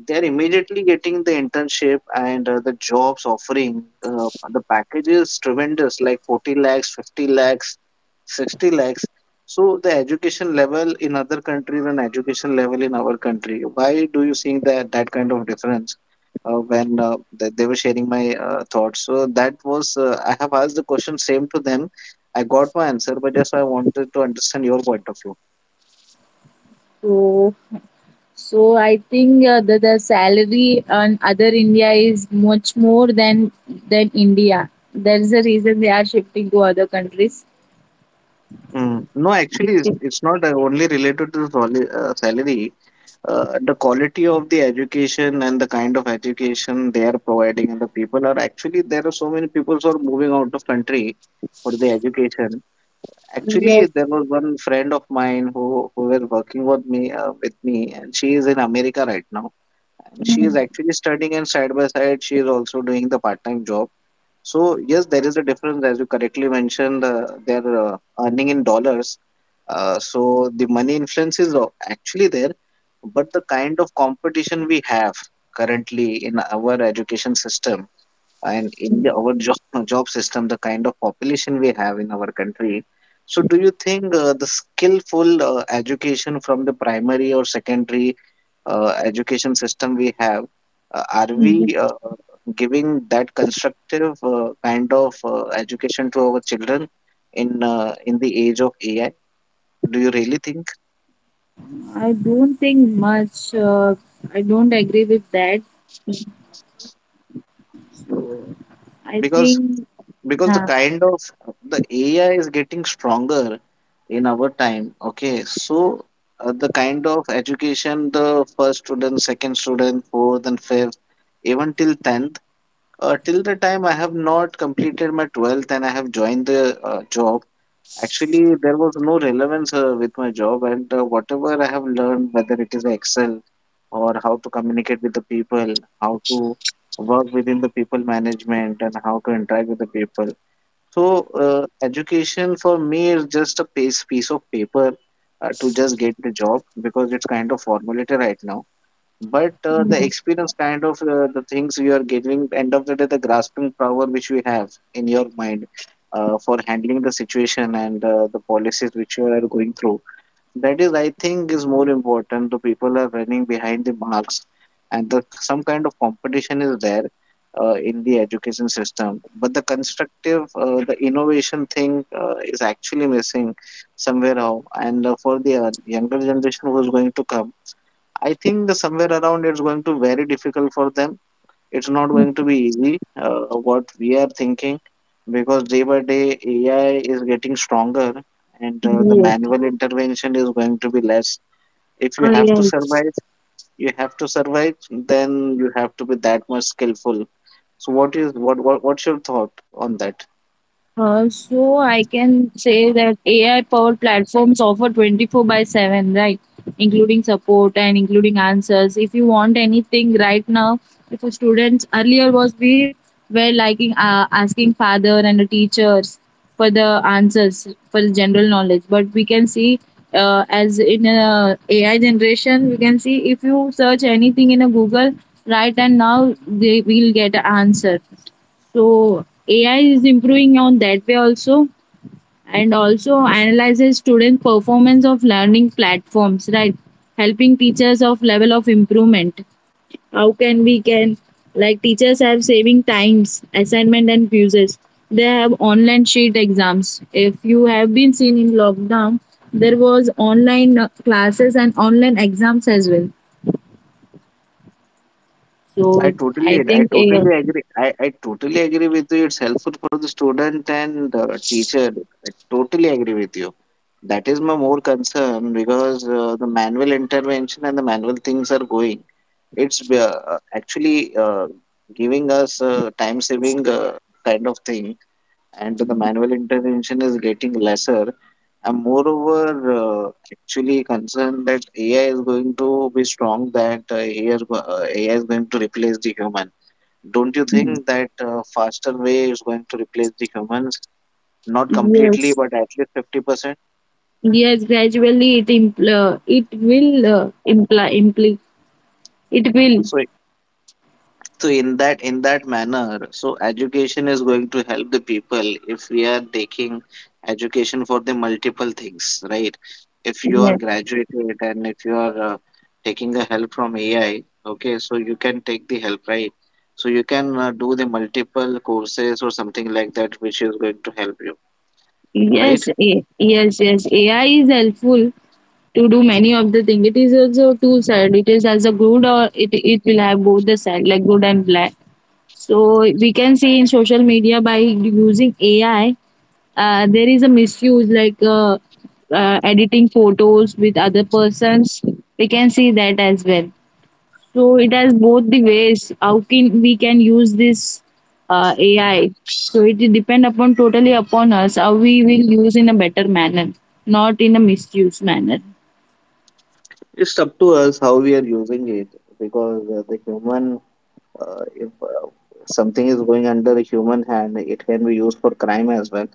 Speaker 1: they're immediately getting the internship and the jobs offering, the package is tremendous, like 40 lakhs, 50 lakhs, 60 lakhs. So the education level in other countries and education level in our country, why do you think that that kind of difference? They were sharing my thoughts, so that was I have asked the question same to them. I got my answer, but just I wanted to understand your point of view.
Speaker 2: So, so I think the salary on other India is much more than India. That is the reason they are shifting to other countries.
Speaker 1: Mm. No,
Speaker 2: I
Speaker 1: actually,
Speaker 2: think
Speaker 1: it's not only related to salary. The quality of the education and the kind of education they are providing, and the people are actually, there are so many people who are moving out of country for the education. Actually,
Speaker 2: yes.
Speaker 1: there was one friend of mine who were working with me and she is in America right now, and she is
Speaker 2: Mm,
Speaker 1: actually studying and side by side she is also doing the part time job. So yes, there is a difference, as you correctly mentioned, they're earning in dollars. So the money influence is actually there, but the kind of competition we have currently in our education system and in
Speaker 2: mm,
Speaker 1: our job, job system, the kind of population we have in our country. So do you think the skillful education from the primary or secondary education system we have, are
Speaker 2: mm.
Speaker 1: we giving that constructive kind of education to our children in the age of AI? Do you really think?
Speaker 2: I don't think much. I don't agree with that. So I
Speaker 1: Because
Speaker 2: think.
Speaker 1: because the
Speaker 2: Uh,
Speaker 1: kind of the AI is getting stronger in our time. Okay, so the kind of education the first student, second student, fourth and fifth, even till tenth. Till the time I have not completed my 12th and I have joined the job, actually there was no relevance with my job, and whatever I have learned, whether it is Excel or how to communicate with the people, how to work within the people management, and how to interact with the people. So, education for me is just a piece of paper to just get the job, because it's kind of formulated right now. But the
Speaker 2: mm,
Speaker 1: experience kind of the things you are getting end of the day, the grasping power which we have in your mind for handling the situation and the policies which you are going through, that is I think is more important. The people are running behind the marks, and some kind of competition is there in the education system, but the constructive the innovation thing is actually missing somewhere how. And for the younger generation who is going to come, I think the somewhere around it's going to very difficult for them. It's not
Speaker 2: mm,
Speaker 1: going to be easy. What we are thinking, because day by day AI is getting stronger, and the
Speaker 2: yes.
Speaker 1: manual intervention is going to be less. If
Speaker 2: Oh,
Speaker 1: you have to
Speaker 2: yes.
Speaker 1: survive, you have to survive. Then you have to be that much skillful. So what is what's your thought on that?
Speaker 2: So I can say that AI powered platforms offer 24 by 7, right? Including support and including answers. If you want anything right now, if a student earlier was, we were liking asking father and the teachers for the answers for the general knowledge. But we can see as in a AI generation, we can see if you search anything in a Google, right? And now they will get an answer, so AI is improving on that way also. And also analyzes student performance of learning platforms, right? Helping teachers of level of improvement. How can we can, like teachers have saving times, assignment and quizzes. They have online sheet exams. If you have been seen in lockdown, there was online classes and online exams as well. So I
Speaker 1: I
Speaker 2: think AI,
Speaker 1: totally agree. I totally agree with you. It's helpful for the student and teacher. I totally agree with you. That is my more concern, because the manual intervention and the manual things are going. It's actually giving us time saving kind of thing, and the manual intervention is getting lesser. And moreover, actually concerned that AI is going to be strong. That AI is AI is going to replace the human. Don't you think that faster way is going to replace the humans? Not completely,
Speaker 2: yes.
Speaker 1: but at least 50%.
Speaker 2: Yes, gradually it will imply it will.
Speaker 1: So, so in that manner, so education is going to help the people, if we are taking education for the multiple things, right? If you are
Speaker 2: Yes,
Speaker 1: graduated and if you are taking the help from AI, okay, so you can take the help, right? So you can do the multiple courses or something like that, which is going to help you, right?
Speaker 2: yes. Yes, yes, AI is helpful to do many of the thing. It is also two side. It is as a good, or it will have both the side like good and black. So we can see in social media by using AI, there is a misuse like editing photos with other persons. We can see that as well. So it has both the ways how can we can use this AI. So it depend upon totally upon us how we will use in a better manner, not in a misuse manner.
Speaker 1: It's up to us how we are using it, because the human, if something is going under a human hand, it can be used for crime as well.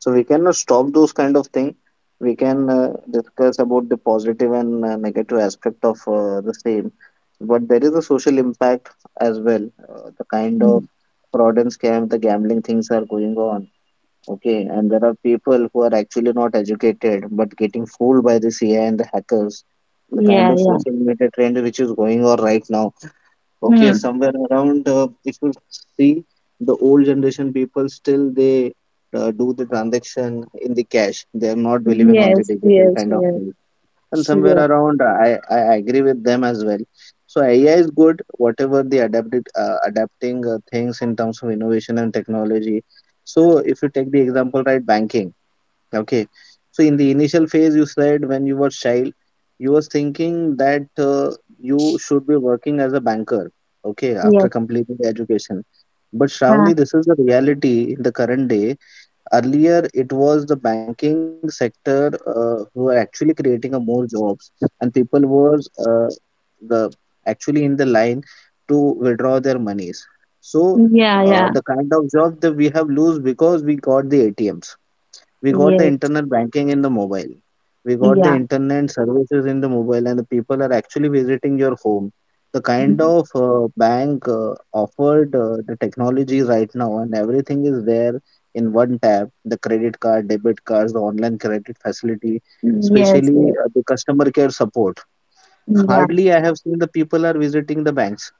Speaker 1: So we cannot stop those kind of thing. We can discuss about the positive and negative aspect of the same, but there is a social impact as well. The kind of
Speaker 2: Mm.
Speaker 1: fraud and scam, the gambling things are going on. Okay, and there are people who are actually not educated but getting fooled by this AI and the hackers, the kind
Speaker 2: Yeah,
Speaker 1: of
Speaker 2: yeah.
Speaker 1: social media trend which is going on right now. Okay,
Speaker 2: Hmm.
Speaker 1: somewhere around, if you see the old generation people, still they do the transaction in the cash. They are not believing on the
Speaker 2: Yes,
Speaker 1: digital
Speaker 2: yes,
Speaker 1: kind of
Speaker 2: yes,
Speaker 1: thing. And somewhere
Speaker 2: yes,
Speaker 1: around, I agree with them as well. So AI is good, whatever the adapted adapting things in terms of innovation and technology. So if you take the example, right, banking. Okay. So in the initial phase, you said when you were child, you was thinking that you should be working as a banker, okay,
Speaker 2: yes,
Speaker 1: after completing the education. But
Speaker 2: huh.
Speaker 1: Shravani, this is the reality in the current day. Earlier, it was the banking sector who were actually creating a more jobs, and people was the actually in the line to withdraw their monies. So
Speaker 2: Yeah, yeah,
Speaker 1: the kind of job that we have lose, because we got the ATMs, we got the
Speaker 2: yes,
Speaker 1: internet banking in the mobile, we got the
Speaker 2: yeah,
Speaker 1: internet services in the mobile, and the people are actually visiting your home, the kind of bank offered the technology right now, and everything is there in one tap, the credit card, debit cards, the online credit facility,
Speaker 2: yes,
Speaker 1: especially
Speaker 2: yes,
Speaker 1: the customer care support.
Speaker 2: yeah,
Speaker 1: Hardly I have seen the people are visiting the banks.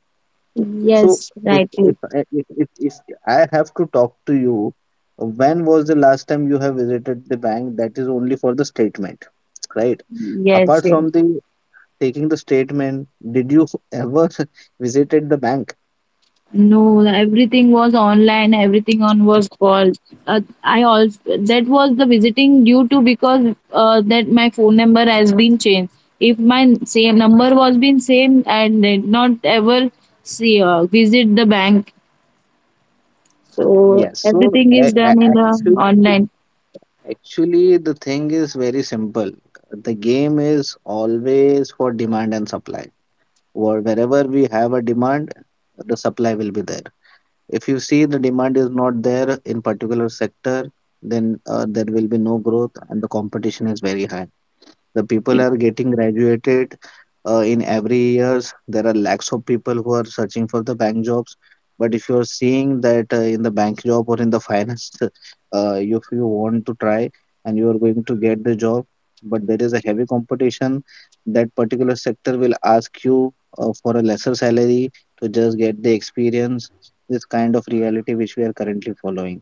Speaker 1: So
Speaker 2: yes,
Speaker 1: if
Speaker 2: rightly,
Speaker 1: if I- if if, if I have to talk to you, when was the last time you have visited the bank? That is only for the statement, right?
Speaker 2: yes,
Speaker 1: Apart
Speaker 2: yes.
Speaker 1: from the taking the statement, did you ever visited the bank?
Speaker 2: No, everything was online, everything on was call. I also, that was the visiting due to because that my phone number has been changed. If my same number was been same, I did not ever see visit the bank. So
Speaker 1: Yes. So
Speaker 2: everything is done in the online.
Speaker 1: actually, the thing is very simple. The game is always for demand and supply. Wherever we have a demand, the supply will be there. If you see the demand is not there in particular sector, then there will be no growth, and the competition is very high. The people are getting graduated in every years. There are lakhs of people who are searching for the bank jobs, but if you're seeing that in the bank job or in the finance, if you want to try and you are going to get the job, but there is a heavy competition. That particular sector will ask you for a lesser salary to just get the experience. This kind of reality which we are currently following.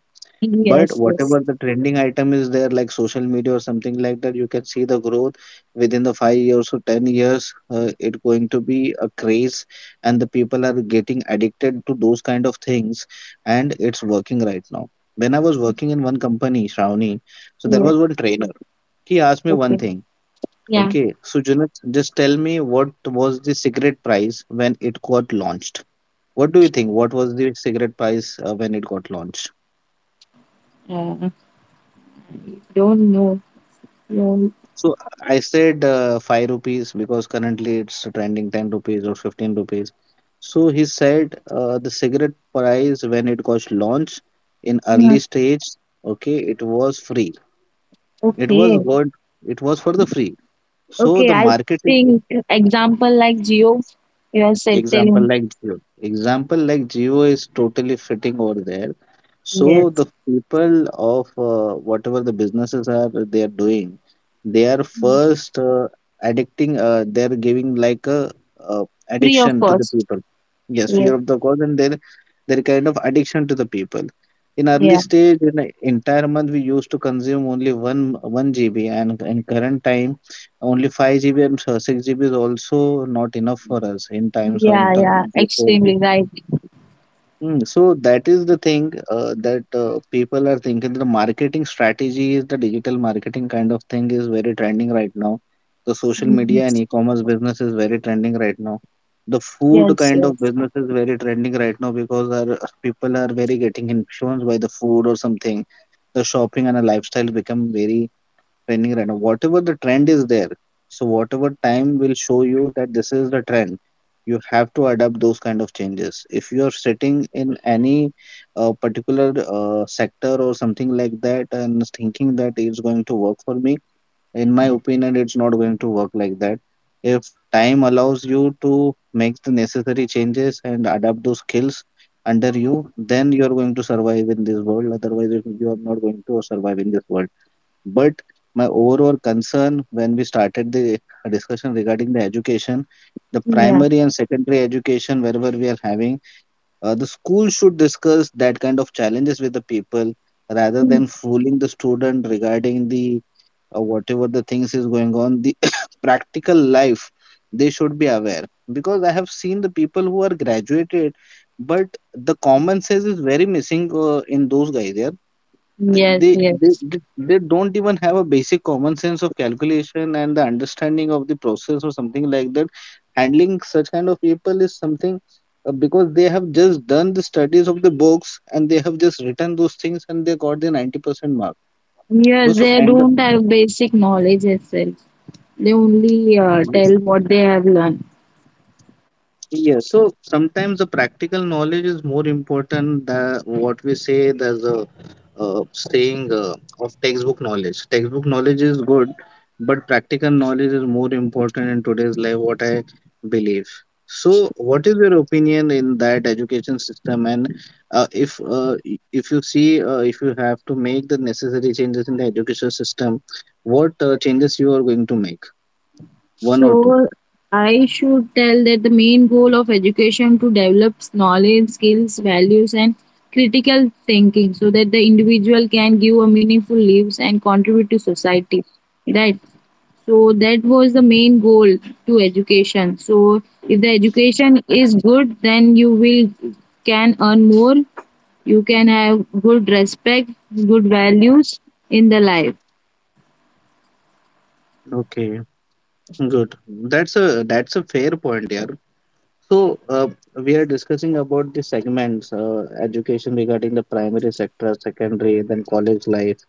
Speaker 1: But
Speaker 2: Yes,
Speaker 1: whatever
Speaker 2: yes,
Speaker 1: the trending item is there, like social media or something like that, you can see the growth within the 5 years or 10 years. It going to be a craze, and the people are getting addicted to those kind of things, and it's working right now. When I was working in one company, Shravani, so there
Speaker 2: yes.
Speaker 1: was one trainer. He asked me one
Speaker 2: Okay.
Speaker 1: thing.
Speaker 2: Yeah.
Speaker 1: Okay, so Junaid, just tell me, what was the cigarette price when it got launched? What do you think? What was the cigarette price when it got launched?
Speaker 2: Uh, don't know. Yeah.
Speaker 1: So I said 5 rupees, because currently it's trending 10 rupees or 15 rupees. So he said the cigarette price when it got launched in
Speaker 2: Yeah.
Speaker 1: early stage, okay, it was free. It
Speaker 2: Okay.
Speaker 1: was good. It was for the free. So
Speaker 2: Okay,
Speaker 1: the
Speaker 2: I
Speaker 1: marketing.
Speaker 2: think example like geo, you are
Speaker 1: Example
Speaker 2: telling.
Speaker 1: like Jio. Example like Jio is totally fitting over there. So
Speaker 2: Yes,
Speaker 1: the people of whatever the businesses are they are doing, they are first addicting. They are giving like a
Speaker 2: free of
Speaker 1: addiction to the
Speaker 2: cost.
Speaker 1: people. Yes, fear
Speaker 2: Yes,
Speaker 1: of the God, and their kind of addiction to the people. In early
Speaker 2: yeah,
Speaker 1: stage, in an entire month we used to consume only one GB, and in current time only 5 GB, and so 6 GB is also not enough for us in times or in
Speaker 2: yeah, yeah.
Speaker 1: terms of
Speaker 2: Extremely
Speaker 1: 4G.
Speaker 2: right.
Speaker 1: Mm, so that is the thing that people are thinking the marketing strategy is the digital marketing kind of thing is very trending right now. The social media and
Speaker 2: Yes,
Speaker 1: e-commerce business is very trending right now. The food
Speaker 2: yes,
Speaker 1: kind of
Speaker 2: yes.
Speaker 1: business is very trending right now, because our people are very getting influenced by the food or something. The shopping and a lifestyle become very trending right now. Whatever the trend is there, so whatever time will show you that this is the trend, you have to adapt those kind of changes. If you are sitting in any particular sector or something like that, and thinking that it's going to work for me, in my opinion, it's not going to work like that. If time allows you to make the necessary changes and adapt those skills under you, then you are going to survive in this world. Otherwise, you are not going to survive in this world. But my overall concern, when we started the discussion regarding the education, the
Speaker 2: Yeah.
Speaker 1: primary and secondary education, wherever we are having, the school should discuss that kind of challenges with the people rather
Speaker 2: Mm.
Speaker 1: than fooling the student regarding the whatever the things is going on, the practical life. They should be aware. Because I have seen the people who are graduated, but the common sense is very missing in those guys. they
Speaker 2: Yes,
Speaker 1: they they,
Speaker 2: yes.
Speaker 1: they they don't even have a basic common sense of calculation and the understanding of the process or something like that. Handling such kind of people is something, because they have just done the studies of the books, and they have just written those things, and they got the 90% mark.
Speaker 2: Yeah,
Speaker 1: But so
Speaker 2: they
Speaker 1: and the,
Speaker 2: don't have basic knowledge itself. They only
Speaker 1: yes.
Speaker 2: tell what they have learned.
Speaker 1: Yeah, so sometimes the practical knowledge is more important than what we say. There's a saying of textbook knowledge. Textbook knowledge is good, but practical knowledge is more important in today's life, what I believe. So, what is your opinion in that education system? And if you see, if you have to make the necessary changes in the education system, what changes you are going to make? One or two?
Speaker 2: So I should tell that the main goal of education to develop knowledge, skills, values, and critical thinking so that the individual can give a meaningful lives and contribute to society. Right. So that was the main goal to education. So if the education is good, then you will can earn more. You can have good respect, good values in the life.
Speaker 1: Okay. Good. That's a fair point, yeah. So we are discussing about the segments, education regarding the primary sector, secondary, then college life.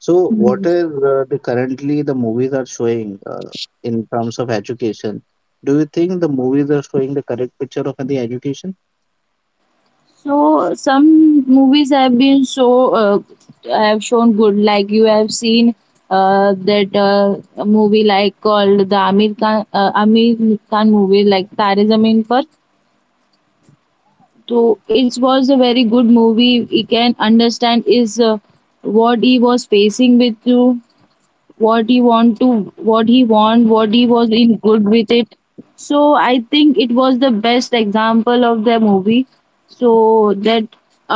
Speaker 1: So what is the currently the movies are showing in terms of education? Do you think the movies are showing the correct picture of the education?
Speaker 2: So some movies have been so uh, have shown good. Like you have seen that a movie like called the Amir Khan movie like Tare Zameen Par. So it was a very good movie. We can understand is what he was facing with you, what he want to, what he was in good with it. So I think it was the best example of the movie. So that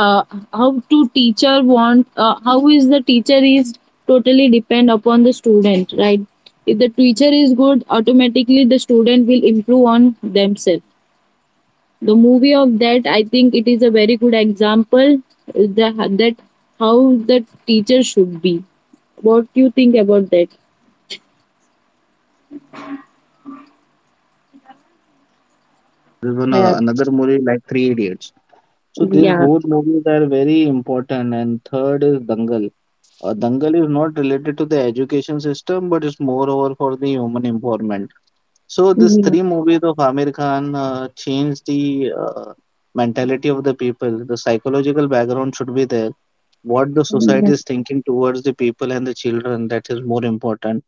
Speaker 2: uh, how to teacher want, how is the teacher is totally depend upon the student, right? If the teacher is good, automatically the student will improve on themselves. The movie of that, I think it is a very good example. That, how the teacher should be. What do you think about that?
Speaker 1: There's one
Speaker 2: Yeah,
Speaker 1: another movie like Three Idiots. So these
Speaker 2: yeah,
Speaker 1: both movies are very important, and third is Dangal. Dangal is not related to the education system, but it's moreover for the human empowerment. So these
Speaker 2: yeah,
Speaker 1: three movies of Amir Khan changed the mentality of the people. The psychological background should be there. What the society
Speaker 2: yeah.
Speaker 1: is thinking towards the people and the children, that is more important.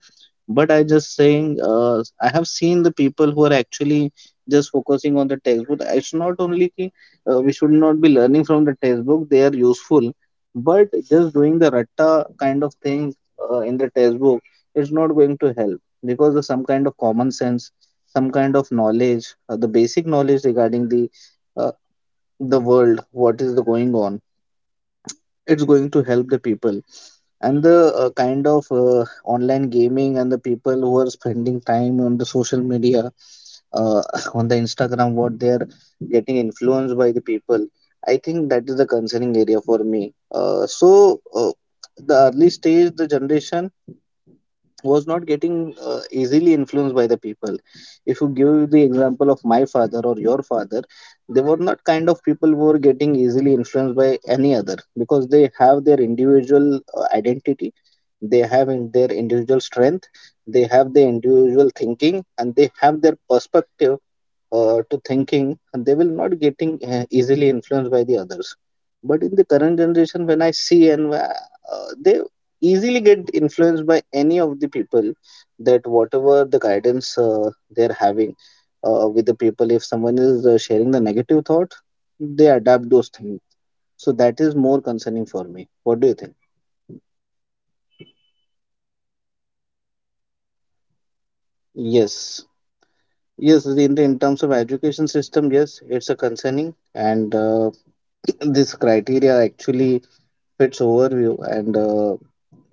Speaker 1: But I just saying, I have seen the people who are actually just focusing on the textbook. It's not only ki, we should not be learning from the textbook; they are useful. But just doing the ratta kind of thing in the textbook is not going to help, because of some kind of common sense, some kind of knowledge, the basic knowledge regarding uh, the world, what is the going on. It's going to help the people. And the kind of online gaming, and the people who are spending time on the social media, uh, on the Instagram, what they are getting influenced by the people. I think that is the concerning area for me. Uh, so uh, the early stage, the generation was not getting easily influenced by the people. If you give the example of my father or your father, they were not kind of people who were getting easily influenced by any other, because they have their individual identity, they have in their individual strength, they have their individual thinking, and they have their perspective to thinking, and they will not getting easily influenced by the others. But in the current generation, when I see, and they easily get influenced by any of the people, that whatever the guidance they're having with the people. If someone is sharing the negative thought, they adapt those things. So that is more concerning for me. What do you think? Yes. Yes. In terms of education system, yes, it's a concerning. And this criteria actually fits overview, and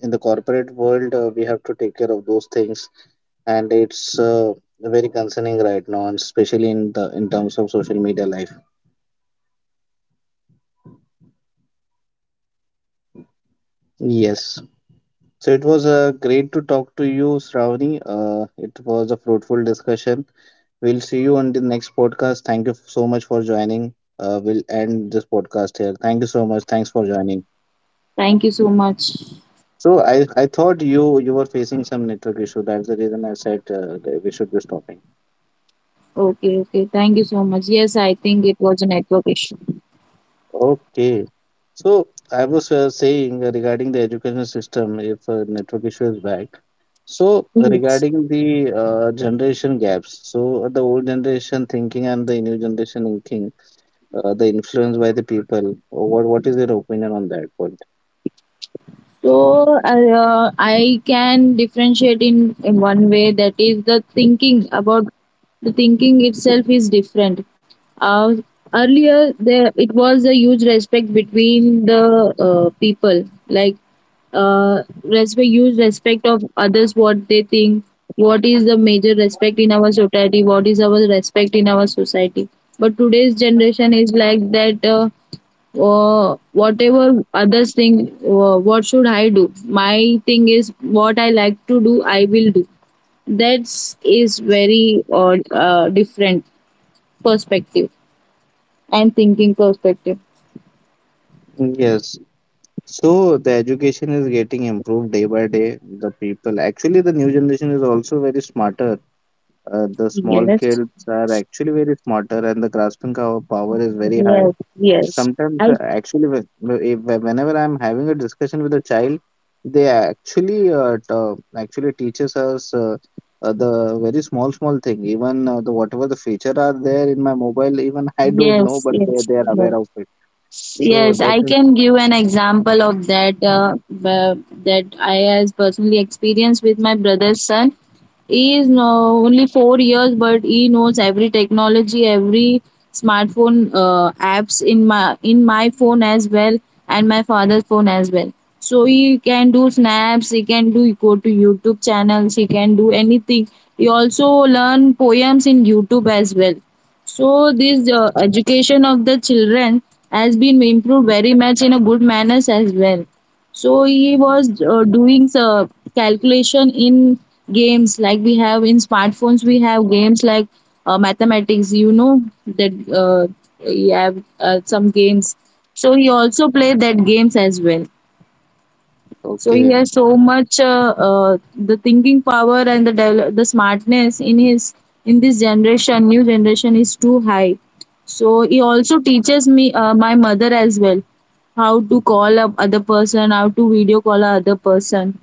Speaker 1: in the corporate world, we have to take care of those things. And it's very concerning right now, and especially in the in terms of social media life. Yes. So it was great to talk to you, Shravani. It was a fruitful discussion. We'll see you on the next podcast. Thank you so much for joining. We'll end this podcast here. Thank you so much. Thanks for joining.
Speaker 2: Thank you so much.
Speaker 1: So I thought you were facing some network issue. That's the reason I said that we should be stopping.
Speaker 2: Okay, okay. Thank you so much. Yes, I think it was a network issue.
Speaker 1: Okay. So I was saying regarding the education system, if network issue is back, so
Speaker 2: Yes.
Speaker 1: regarding the generation gaps, so the old generation thinking and the new generation thinking, the influence by the people. What is your opinion on that point?
Speaker 2: So I can differentiate in one way that is the thinking about the thinking itself is different. Uh, Earlier there, it was a huge respect between the people. Like respect, huge respect of others, what they think, what is the major respect in our society, what is our respect in our society. But today's generation is like that. Whatever others think, what should I do, my thing is what I like to do, I will do. That's very different perspective and thinking perspective.
Speaker 1: Yes. So the education is getting improved day by day. The people, actually, the new generation is also very smarter. The small
Speaker 2: Yes,
Speaker 1: kids are actually very smarter, and the grasping power is very high.
Speaker 2: yes, yes.
Speaker 1: Sometimes
Speaker 2: I
Speaker 1: actually, whe- whe- if, whenever I'm having a discussion with a child, they actually actually teaches us the very small small thing, even the whatever the feature are there in my mobile, even I don't know,
Speaker 2: Yes,
Speaker 1: but they,
Speaker 2: yes,
Speaker 1: they are
Speaker 2: yes.
Speaker 1: aware of it. So
Speaker 2: Yes,
Speaker 1: that
Speaker 2: I
Speaker 1: is
Speaker 2: can give an example of that. I has personally experienced with my brother's son. He is no, only 4 years, but he knows every technology, every smartphone apps in my phone as well and my father's phone as well. So he can do snaps, he can do go to YouTube channels, he can do anything. He also learn poems in YouTube as well. So this education of the children has been improved very much in a good manners as well. So he was doing calculation in games like we have in smartphones. We have games like mathematics. You know that you have some games. So he also played that games as well. So he
Speaker 1: okay.
Speaker 2: has so much the thinking power and the smartness in this generation, new generation is too high. So he also teaches me my mother as well, how to call up other person, how to video call a other person.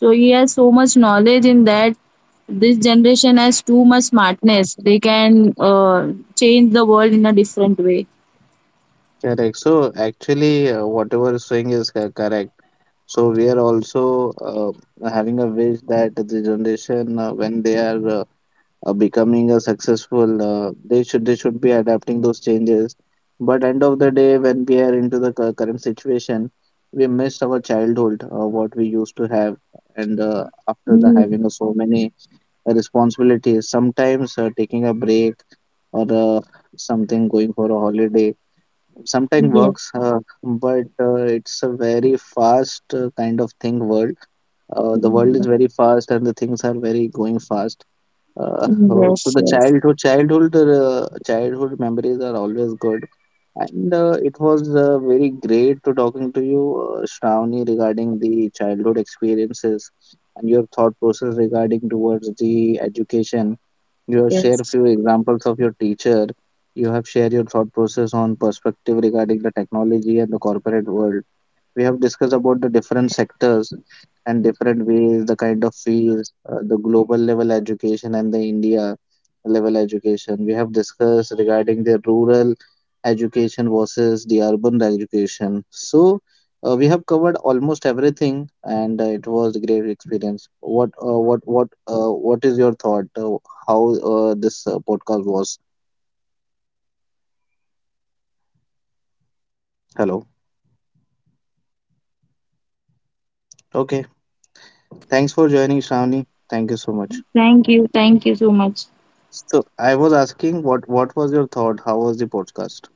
Speaker 2: So he has so much knowledge in that. This generation has too much smartness. They can change the world in a different way.
Speaker 1: Correct. So actually whatever is saying is correct. So we are also having a wish that the generation, when they are becoming a successful, they should be adapting those changes. But end of the day, when we are into the current situation, we miss our childhood, what we used to have. And after the
Speaker 2: Mm,
Speaker 1: having of so many responsibilities, sometimes taking a break or something, going for a holiday, sometimes
Speaker 2: yeah.
Speaker 1: works. But it's a very fast kind of thing world. The world
Speaker 2: Mm,
Speaker 1: is
Speaker 2: yeah.
Speaker 1: very fast, and the things are very going fast.
Speaker 2: Mm.
Speaker 1: Oh, so
Speaker 2: Yes,
Speaker 1: the
Speaker 2: yes,
Speaker 1: childhood memories are always good. And it was very great to talking to you, Shravani, regarding the childhood experiences and your thought process regarding towards the education. You have shared
Speaker 2: yes.
Speaker 1: few examples of your teacher. You have shared your thought process on perspective regarding the technology and the corporate world. We have discussed about the different sectors and different ways, the kind of fees, the global level education and the India level education. We have discussed regarding the rural education versus the urban education. So we have covered almost everything, and it was a great experience. What is your thought? How this podcast was? Hello. Okay. Thanks for joining, Shravani. Thank you so much.
Speaker 2: Thank you. Thank you so much.
Speaker 1: So I was asking, what was your thought? How was the podcast?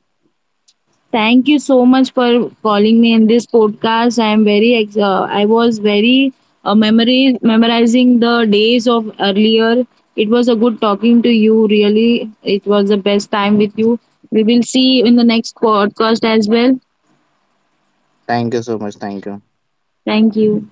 Speaker 2: Thank you so much for calling me in this podcast. I am very I was very memory memorizing the days of earlier. It was a good talking to you. Really, it was the best time with you. We will see you in the next podcast as well.
Speaker 1: Thank you so much. Thank you.
Speaker 2: Thank you.